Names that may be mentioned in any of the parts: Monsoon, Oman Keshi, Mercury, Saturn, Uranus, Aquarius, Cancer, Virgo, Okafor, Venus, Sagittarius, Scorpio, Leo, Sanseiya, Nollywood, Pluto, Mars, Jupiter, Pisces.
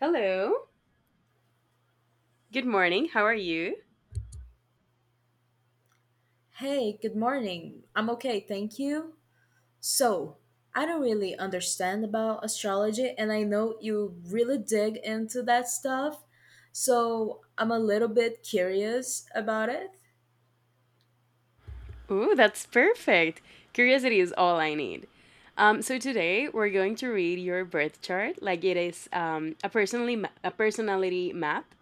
Hello. Good morning. How are you? Hey, good morning. I'm okay, thank you. So, I don't really understand about astrology, and I know you really dig into that stuff, so I'm a little bit curious about it. Ooh, that's perfect. Curiosity is all I need. So today we're going to read your birth chart, like it is a a personality map.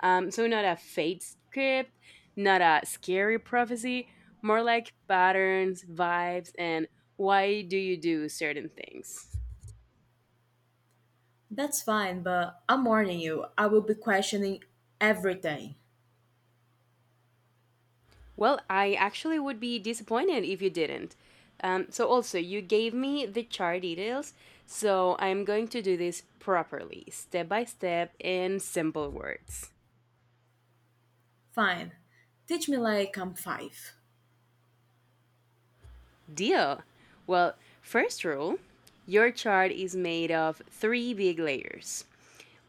So not a fate script, not a scary prophecy, more like patterns, vibes, and why do you do certain things. That's fine, but I'm warning you, I will be questioning everything. Well, I actually would be disappointed if you didn't. Also, you gave me the chart details, so I'm going to do this properly, step by step, in simple words. Fine. Teach me like I'm five. Deal! Well, first rule, your chart is made of three big layers.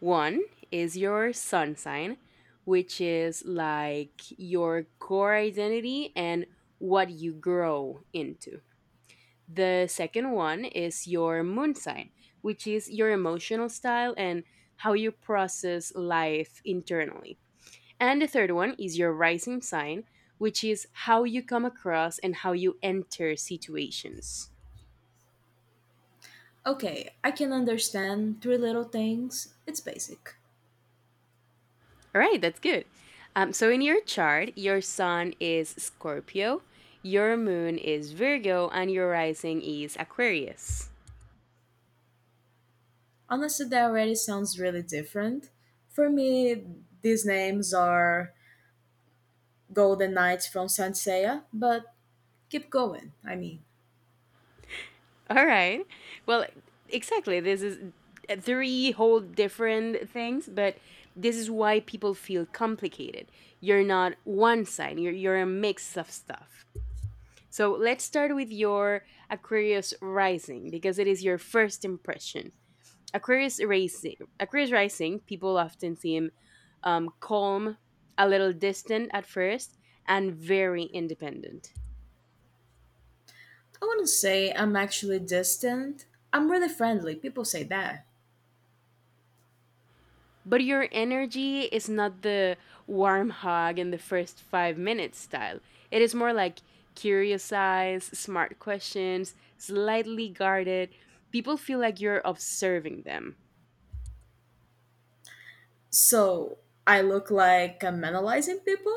One is your sun sign, which is like your core identity and what you grow into. The second one is your moon sign, which is your emotional style and how you process life internally. And the third one is your rising sign, which is how you come across and how you enter situations. Okay, I can understand three little things. It's basic. All right, that's good. So in your chart, your sun is Scorpio, your moon is Virgo, and your rising is Aquarius. Honestly, that already sounds really different. For me, these names are Golden Knights from Sanseiya, but keep going. I mean, All right. Well, exactly. This is three whole different things, but this is why people feel complicated. You're not one sign. You're a mix of stuff. So let's start with your Aquarius rising because it is your first impression. Aquarius rising. Aquarius rising. People often seem calm, a little distant at first, and very independent. I wouldn't say I'm actually distant. I'm really friendly. People say that. But your energy is not the warm hug in the first 5 minutes style. It is more like curious eyes, smart questions, slightly guarded. People feel like you're observing them. So I look like I'm analyzing people?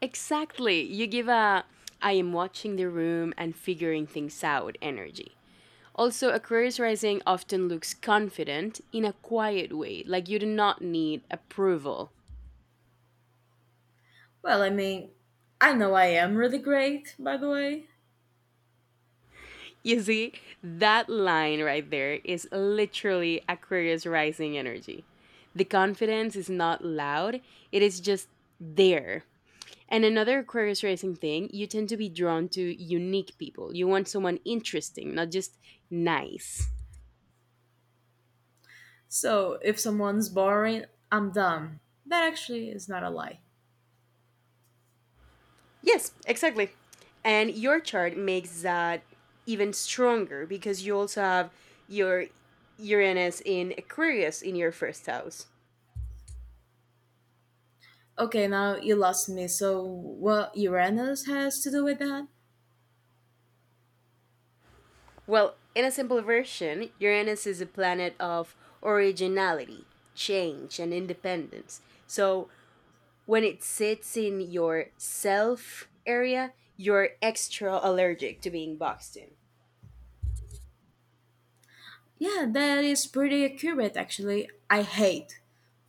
Exactly. You give a I am watching the room and figuring things out energy. Also, Aquarius rising often looks confident in a quiet way, like you do not need approval. Well, I mean, I know I am really great, by the way. You see, that line right there is literally Aquarius rising energy. The confidence is not loud, it is just there. And another Aquarius rising thing, you tend to be drawn to unique people. You want someone interesting, not just nice. So if someone's boring, I'm dumb. That actually is not a lie. Yes, exactly. And your chart makes that even stronger because you also have your Uranus in Aquarius in your first house. Okay, now you lost me. So what Uranus has to do with that? Well, in a simple version, Uranus is a planet of originality, change, and independence. So when it sits in your self area, you're extra allergic to being boxed in. Yeah, that is pretty accurate actually. I hate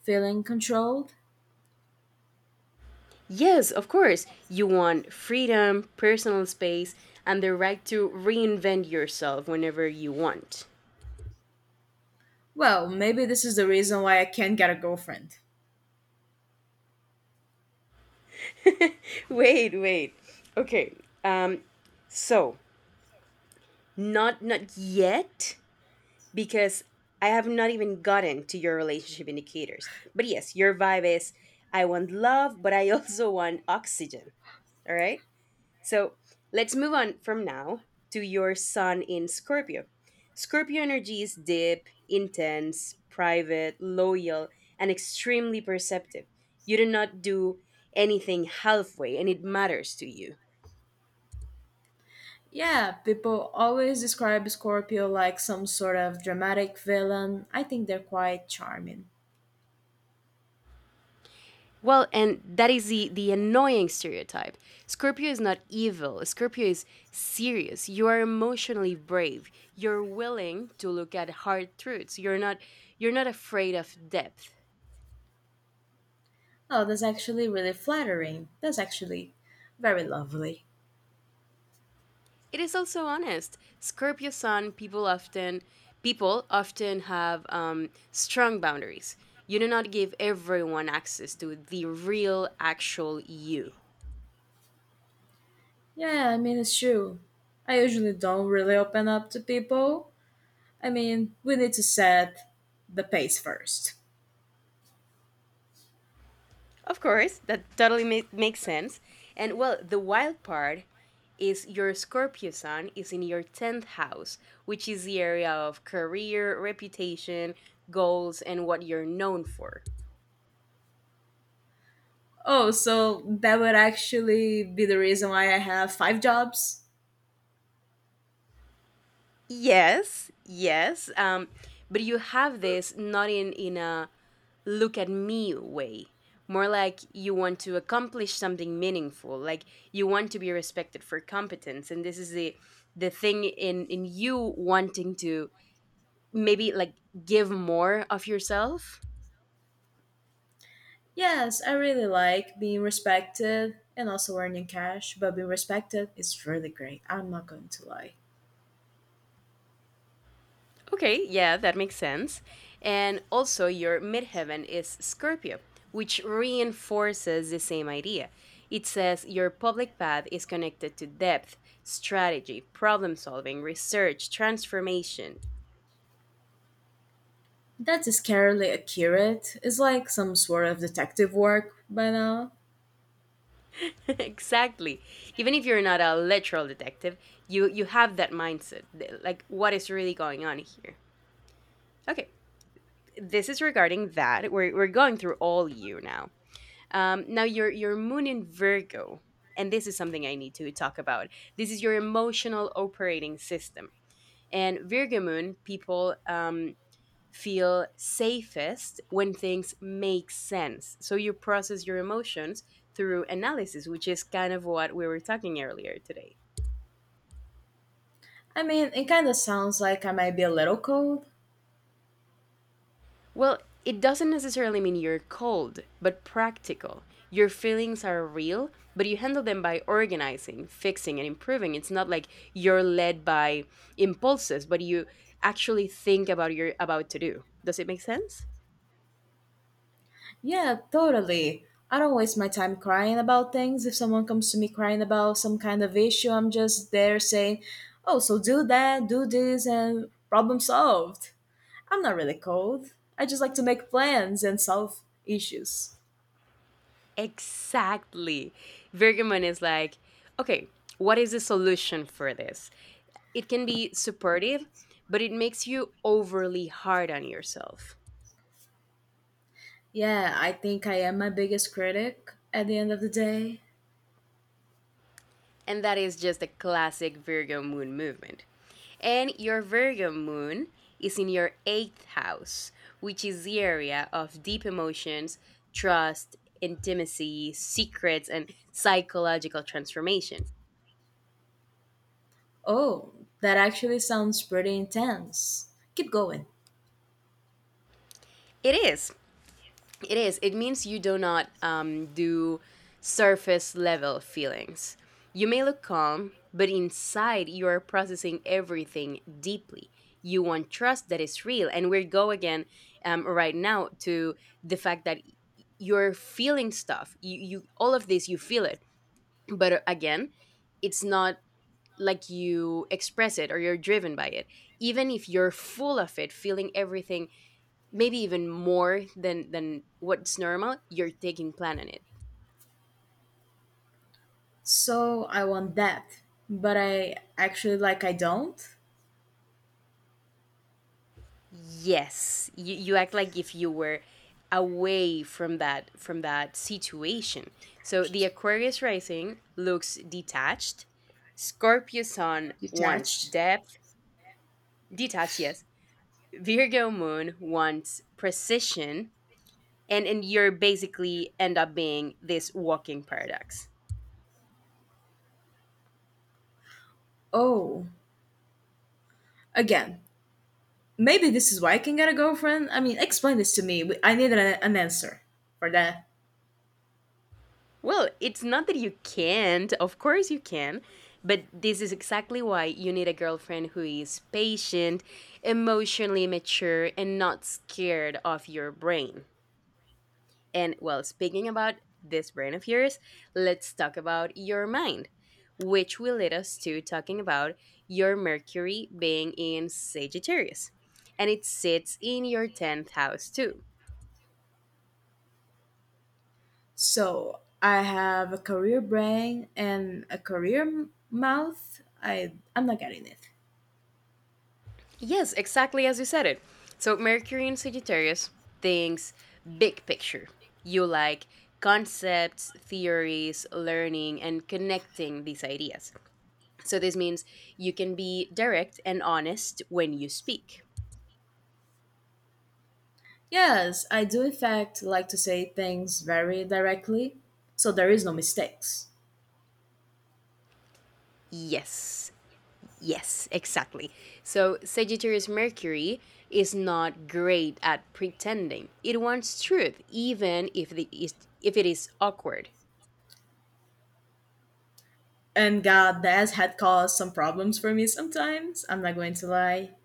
feeling controlled. Yes, of course, you want freedom, personal space, and the right to reinvent yourself whenever you want. Well, maybe this is the reason why I can't get a girlfriend. Wait, wait. Okay. Um so, not yet because I have not even gotten to your relationship indicators. But yes, your vibe is I want love, but I also want oxygen. All right. So let's move on from now to your sun in Scorpio. Scorpio energy is deep, intense, private, loyal, and extremely perceptive. You do not do anything halfway, and it matters to you. Yeah, people always describe Scorpio like some sort of dramatic villain. I think they're quite charming. Well, and that is the annoying stereotype. Scorpio is not evil. Scorpio is serious. You are emotionally brave. You're willing to look at hard truths. You're not afraid of depth. Oh, that's actually really flattering. That's actually very lovely. It is also honest. Scorpio sun people often have strong boundaries. You do not give everyone access to the real actual you. Yeah, I mean, it's true. I usually don't really open up to people. I mean, we need to set the pace first. Of course, that totally makes sense. And well, the wild part is your Scorpio sun is in your 10th house, which is the area of career, reputation, goals, and what you're known for. Oh, so that would actually be the reason why I have five jobs? Yes, yes. But you have this not in a look at me way, more like you want to accomplish something meaningful, like you want to be respected for competence. And this is the thing in you wanting to maybe like give more of yourself. Yes, I really like being respected and also earning cash, but being respected is really great. I'm not going to lie. Okay, yeah, that makes sense. And also, your midheaven is Scorpio, which reinforces the same idea. It says your public path is connected to depth, strategy, problem solving, research, transformation. That's scarily accurate. It's like some sort of detective work by now. Exactly. Even if you're not a literal detective, you have that mindset. Like what is really going on here? Okay. This is regarding that. We're going through all you now. Now your moon in Virgo, and this is something I need to talk about. This is your emotional operating system, and Virgo moon people feel safest when things make sense. So you process your emotions through analysis, which is kind of what we were talking earlier today. I mean, it kind of sounds like I might be a little cold. Well, it doesn't necessarily mean you're cold, but practical. Your feelings are real, but you handle them by organizing, fixing, and improving. It's not like you're led by impulses, but you actually think about your about to do. Does it make sense? Yeah, totally. I don't waste my time crying about things. If someone comes to me crying about some kind of issue, I'm just there saying, oh, so do that, do this, and problem solved. I'm not really cold. I just like to make plans and solve issues. Exactly. Virgamon is like, okay, what is the solution for this? It can be supportive, but it makes you overly hard on yourself. Yeah, I think I am my biggest critic at the end of the day. And that is just a classic Virgo moon movement. And your Virgo moon is in your eighth house, which is the area of deep emotions, trust, intimacy, secrets, and psychological transformation. Oh, that actually sounds pretty intense. Keep going. It is It is. It means you do not do surface level feelings. You may look calm, but inside you are processing everything deeply. You want trust that is real. And we go again right now to the fact that you're feeling stuff. You all of this, you feel it. But again, it's not like you express it or you're driven by it. Even if you're full of it, feeling everything maybe even more than what's normal, you're taking plan on it. So I want that, but I actually like I don't. Yes, you act like if you were away from that situation. So the Aquarius rising looks detached. Scorpio sun wants Detached. depth, detached, yes. Virgo moon wants precision, and you're basically end up being this walking paradox. Oh, again. Maybe this is why I can get a girlfriend. I mean, explain this to me. I need an answer for that. Well, it's not that you can't, of course you can, but this is exactly why you need a girlfriend who is patient, emotionally mature, and not scared of your brain. And well, speaking about this brain of yours, let's talk about your mind, which will lead us to talking about your Mercury being in Sagittarius. And it sits in your 10th house too. So I have a career brain and a career mouth. I'm not getting it. Yes, exactly as you said it. So Mercury in Sagittarius thinks big picture. You like concepts, theories, learning, and connecting these ideas. So this means you can be direct and honest when you speak. Yes, I do in fact like to say things very directly, so there is no mistakes. Yes, yes, exactly. So Sagittarius Mercury is not great at pretending. It wants truth, even if it is awkward. And God, that had caused some problems for me sometimes. I'm not going to lie.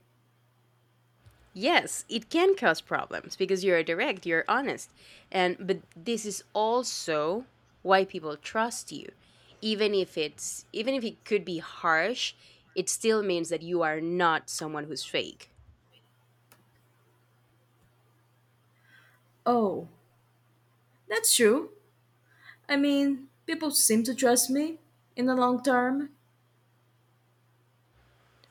Yes, it can cause problems because you're direct, you're honest. And but this is also why people trust you. Even if it could be harsh, it still means that you are not someone who's fake. Oh, that's true. I mean, people seem to trust me in the long term.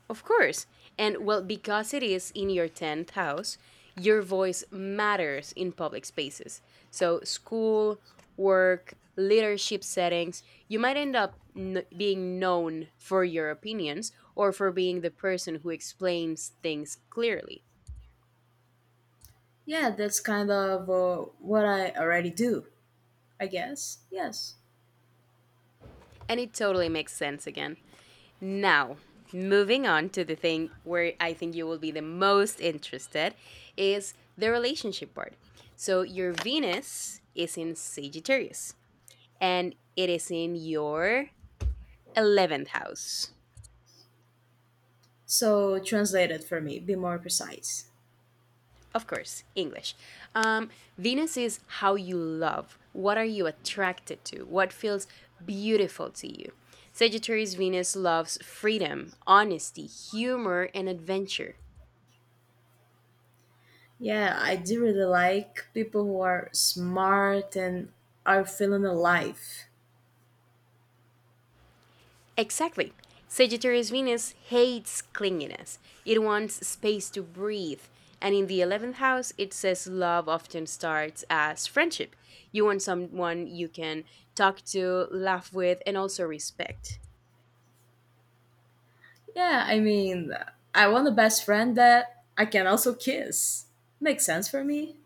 Of course. And well, because it is in your 10th house, your voice matters in public spaces. So, school, work, leadership settings, you might end up being known for your opinions or for being the person who explains things clearly. Yeah, that's kind of what I already do. I guess. Yes. And it totally makes sense again. Now, moving on to the thing where I think you will be the most interested is the relationship part. So your Venus is in Sagittarius and it is in your 11th house. So translate it for me, be more precise. Of course, English. Um, Venus is how you love. What are you attracted to? What feels beautiful to you? Sagittarius Venus loves freedom, honesty, humor, and adventure. Yeah, I do really like people who are smart and are feeling alive. Exactly. Sagittarius Venus hates clinginess. It wants space to breathe. And in the 11th house, it says love often starts as friendship. You want someone you can talk to, laugh with, and also respect. Yeah, I mean, I want a best friend that I can also kiss. Makes sense for me.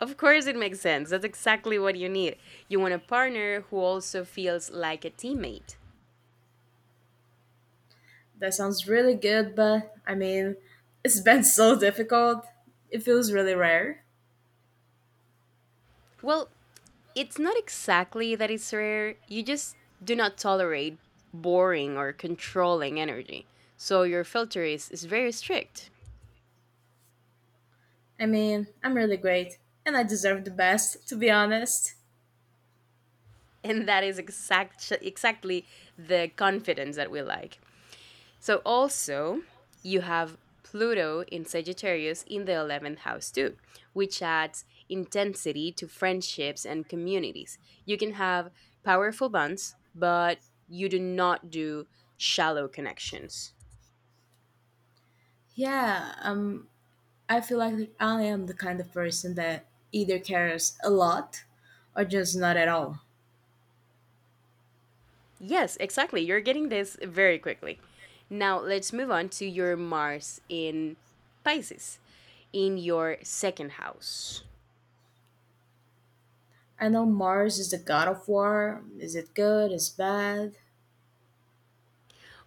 Of course, it makes sense. That's exactly what you need. You want a partner who also feels like a teammate. That sounds really good, but I mean, it's been so difficult. It feels really rare. Well, it's not exactly that it's rare. You just do not tolerate boring or controlling energy. So your filter is very strict. I mean, I'm really great and I deserve the best, to be honest. And that is exactly the confidence that we like. So also, you have Pluto in Sagittarius in the 11th house too, which adds intensity to friendships and communities. You can have powerful bonds, but you do not do shallow connections. Yeah, I feel like I am the kind of person that either cares a lot or just not at all. Yes, exactly. You're getting this very quickly. Now, let's move on to your Mars in Pisces, in your second house. I know Mars is the god of war. Is it good? Is it bad?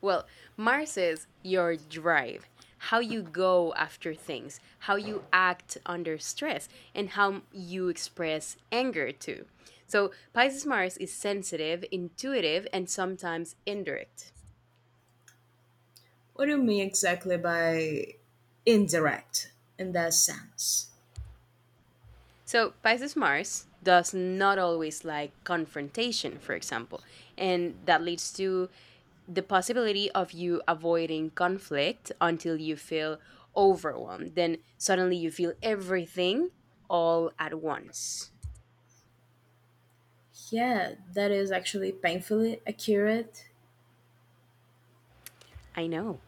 Well, Mars is your drive, how you go after things, how you act under stress, and how you express anger too. So, Pisces Mars is sensitive, intuitive, and sometimes indirect. What do you mean exactly by indirect in that sense? So, Pisces Mars does not always like confrontation, for example, and that leads to the possibility of you avoiding conflict until you feel overwhelmed. Then suddenly you feel everything all at once. Yeah, that is actually painfully accurate. I know.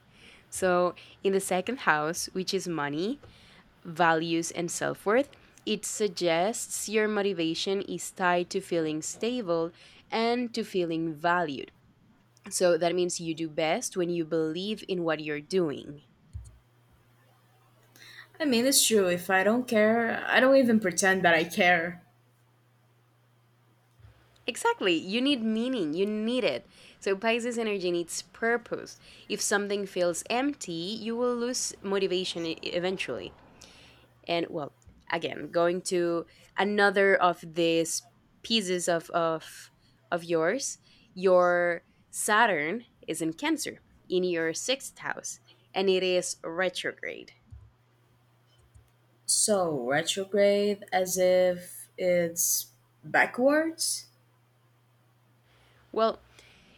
So, in the second house, which is money, values, and self worth, it suggests your motivation is tied to feeling stable and to feeling valued. So that means you do best when you believe in what you're doing. I mean, it's true. If I don't care, I don't even pretend that I care. Exactly. You need meaning. You need it. So Pisces energy needs purpose. If something feels empty, you will lose motivation eventually. And well, again, going to another of these pieces of yours, your Saturn is in Cancer in your 6th house and it is retrograde. So, retrograde as if it's backwards? Well,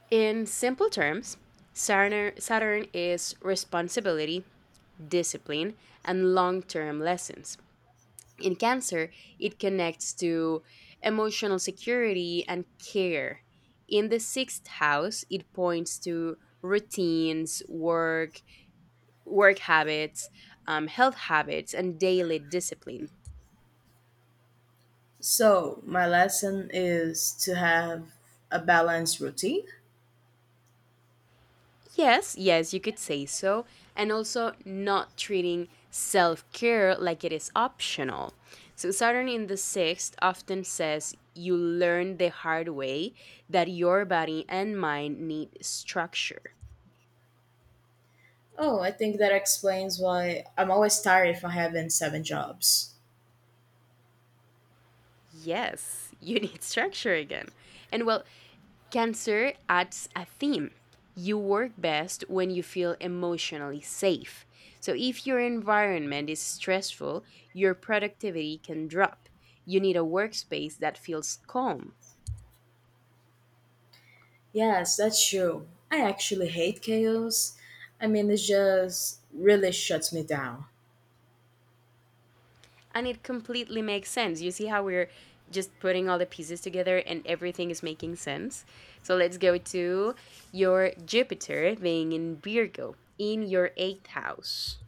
in simple terms, Saturn is responsibility, discipline, and long term lessons. In Cancer, it connects to emotional security and care. In the sixth house, it points to routines, work, work habits, health habits, and daily discipline. So, my lesson is to have a balanced routine. Yes, yes, you could say so. And also not treating self care like it is optional. So, Saturn in the sixth often says you learn the hard way that your body and mind need structure. Oh, I think that explains why I'm always tired if I haven't seven jobs. Yes, you need structure again. And well, Cancer adds a theme. You work best when you feel emotionally safe. So, if your environment is stressful, your productivity can drop. You need a workspace that feels calm. Yes, that's true. I actually hate chaos. I mean, it just really shuts me down. And it completely makes sense. You see how we're just putting all the pieces together and everything is making sense? So, let's go to your Jupiter being in Virgo in your eighth house.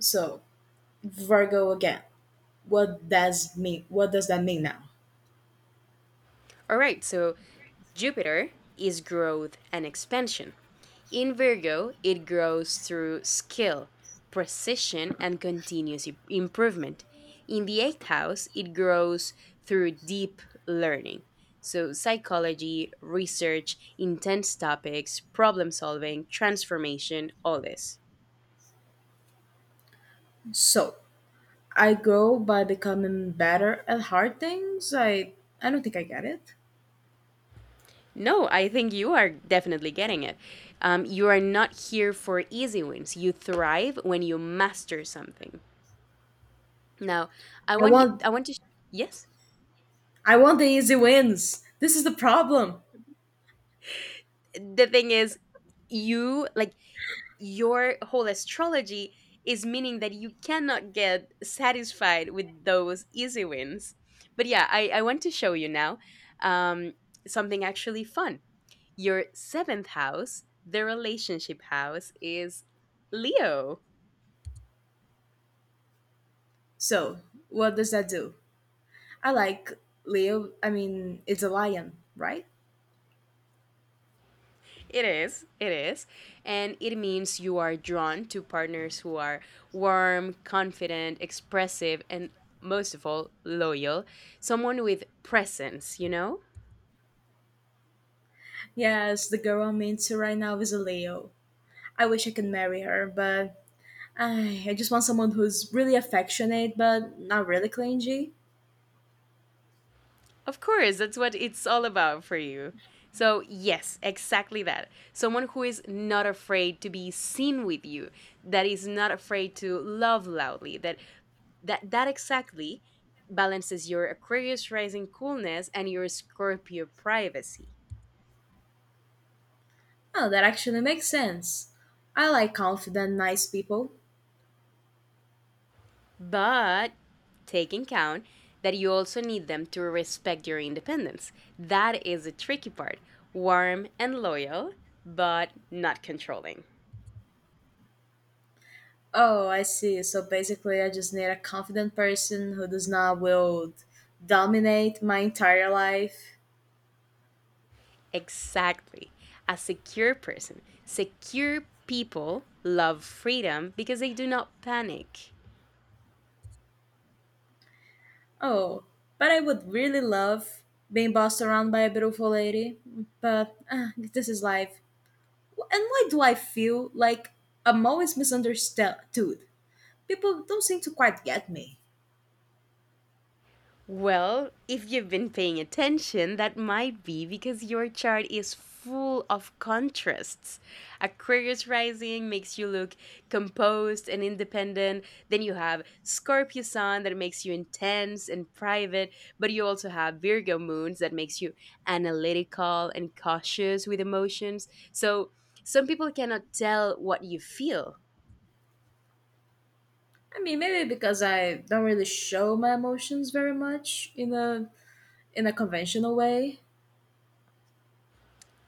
So, Virgo again. What does mean? What does that mean now? All right, so Jupiter is growth and expansion. In Virgo, it grows through skill, precision, and continuous improvement. In the eighth house, it grows through deep learning. So, psychology, research, intense topics, problem solving, transformation, all this. So, I grow by becoming better at hard things. I don't think I get it. No, I think you are definitely getting it. You are not here for easy wins. You thrive when you master something. Now, I want I want to, yes. I want the easy wins. This is the problem. The thing is, you, like, your whole astrology is meaning that you cannot get satisfied with those easy wins. But yeah, I want to show you now um, something actually fun. Your seventh house, the relationship house, is Leo. So, what does that do? I like Leo. I mean, it's a lion, right? It is, it is. And it means you are drawn to partners who are warm, confident, expressive, and most of all, loyal. Someone with presence, you know? Yes, the girl I'm into right now is a Leo. I wish I could marry her, but I just want someone who's really affectionate but not really clingy. Of course, that's what it's all about for you. So, yes, exactly that. Someone who is not afraid to be seen with you, that is not afraid to love loudly, that exactly balances your Aquarius rising coolness and your Scorpio privacy. Oh, that actually makes sense. I like confident, nice people. But take in count that you also need them to respect your independence. That is the tricky part. Warm and loyal, but not controlling. Oh, I see. So basically, I just need a confident person who does not will dominate my entire life. Exactly. A secure person. Secure people love freedom because they do not panic. Oh, but I would really love being bossed around by a beautiful lady. But this is life. And why do I feel like I'm always misunderstood? People don't seem to quite get me. Well, if you've been paying attention, that might be because your chart is full of contrasts. Aquarius rising makes you look composed and independent. Then you have Scorpio sun that makes you intense and private, but you also have Virgo moons that makes you analytical and cautious with emotions. So some people cannot tell what you feel. I mean, maybe because I don't really show my emotions very much in a conventional way.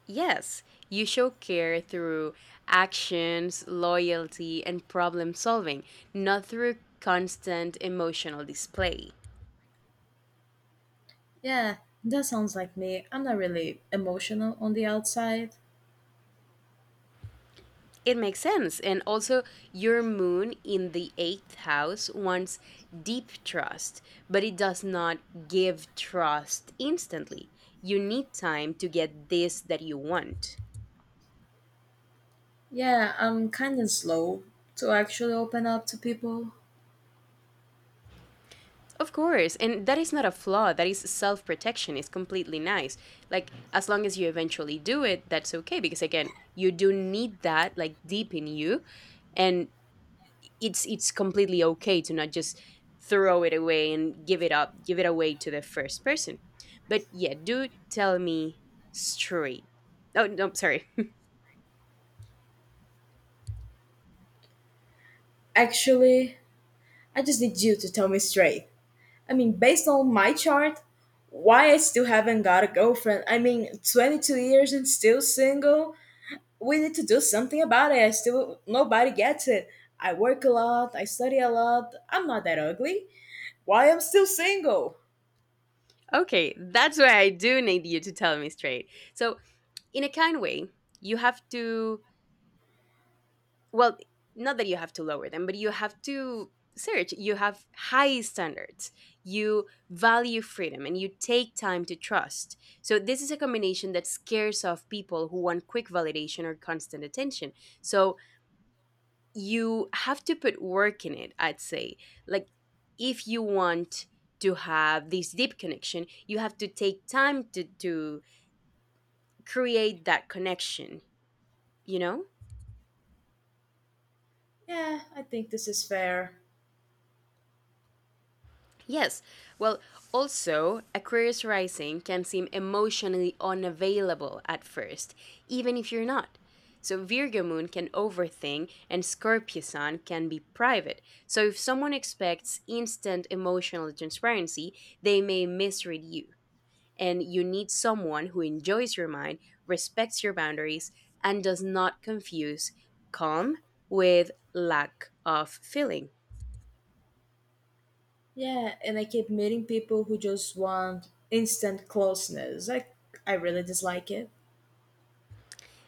Yes, you show care through actions, loyalty, and problem solving, not through constant emotional display. Yeah, that sounds like me. I'm not really emotional on the outside. It makes sense. And also, your moon in the eighth house wants deep trust, but it does not give trust instantly. You need time to get this that you want. Yeah, I'm kind of slow to actually open up to people. Of course, and that is not a flaw. That is self protection. It's completely nice. Like, as long as you eventually do it, that's okay. Because again, you do need that, like, deep in you. And it's completely okay to not just throw it away and give it up, give it away to the first person. But yeah, do tell me straight. Oh, no, sorry. Actually, I just need you to tell me straight. I mean, based on my chart, why I still haven't got a girlfriend? I mean, 22 years and still single. We need to do something about it. I still nobody gets it. I work a lot, I study a lot. I'm not that ugly. Why I'm still single? Okay, that's why I do need you to tell me straight. So, in a kind way, you have to well not that you have to lower them but you have to search you have high standards you value freedom and you take time to trust so this is a combination that scares off people who want quick validation or constant attention so you have to put work in it I'd say like if you want to have this deep connection you have to take time to create that connection you know. Yeah, I think this is fair. Yes. Well, also, Aquarius rising can seem emotionally unavailable at first, even if you're not. So, Virgo moon can overthink, and Scorpio sun can be private. So, if someone expects instant emotional transparency, they may misread you. And you need someone who enjoys your mind, respects your boundaries, and does not confuse calm with lack of feeling. Yeah, and I keep meeting people who just want instant closeness. I really dislike it.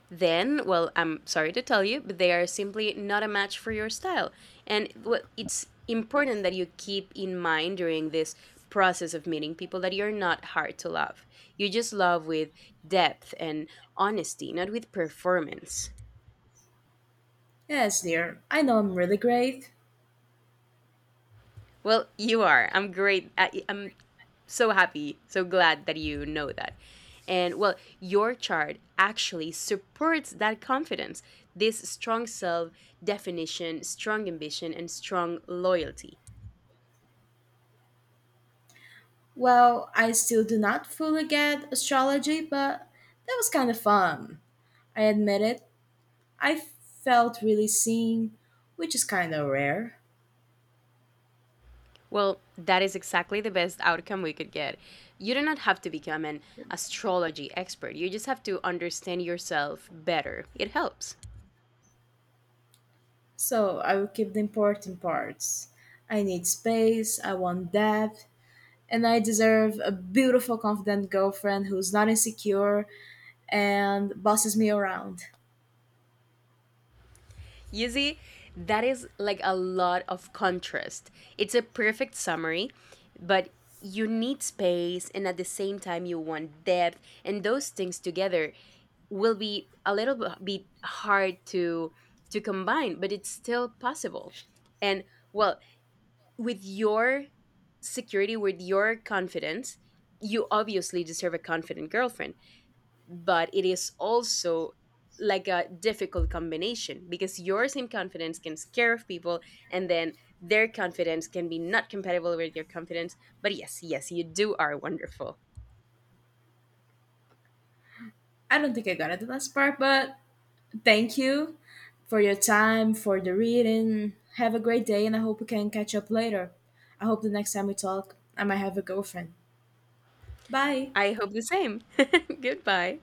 Then, well, I'm sorry to tell you, but they are simply not a match for your style. And what it's important that you keep in mind during this process of meeting people that you're not hard to love. You just love with depth and honesty, not with performance. Yes, dear. I know I'm really great. Well, you are. I'm great. I'm so happy, so glad that you know that. And well, your chart actually supports that confidence, this strong self definition, strong ambition, and strong loyalty. Well, I still do not fully get astrology, but that was kind of fun. I admit it. I felt really seen, which is kind of rare. Well, that is exactly the best outcome we could get. You do not have to become an astrology expert, you just have to understand yourself better. It helps. So I will keep the important parts. I need space, I want depth, and I deserve a beautiful, confident girlfriend who's not insecure and bosses me around. You see, that is like a lot of contrast. It's a perfect summary, but you need space and at the same time you want depth and those things together will be a little bit hard to combine, but it's still possible. And well, with your security, with your confidence, you obviously deserve a confident girlfriend but it is also like a difficult combination because your same confidence can scare off people and then their confidence can be not compatible with your confidence but yes, yes, you do are wonderful. I don't think I got it the last part, but thank you for your time, for the reading. Have a great day, and I hope we can catch up later. I hope the next time we talk, I might have a girlfriend. Bye. I hope the same. Goodbye.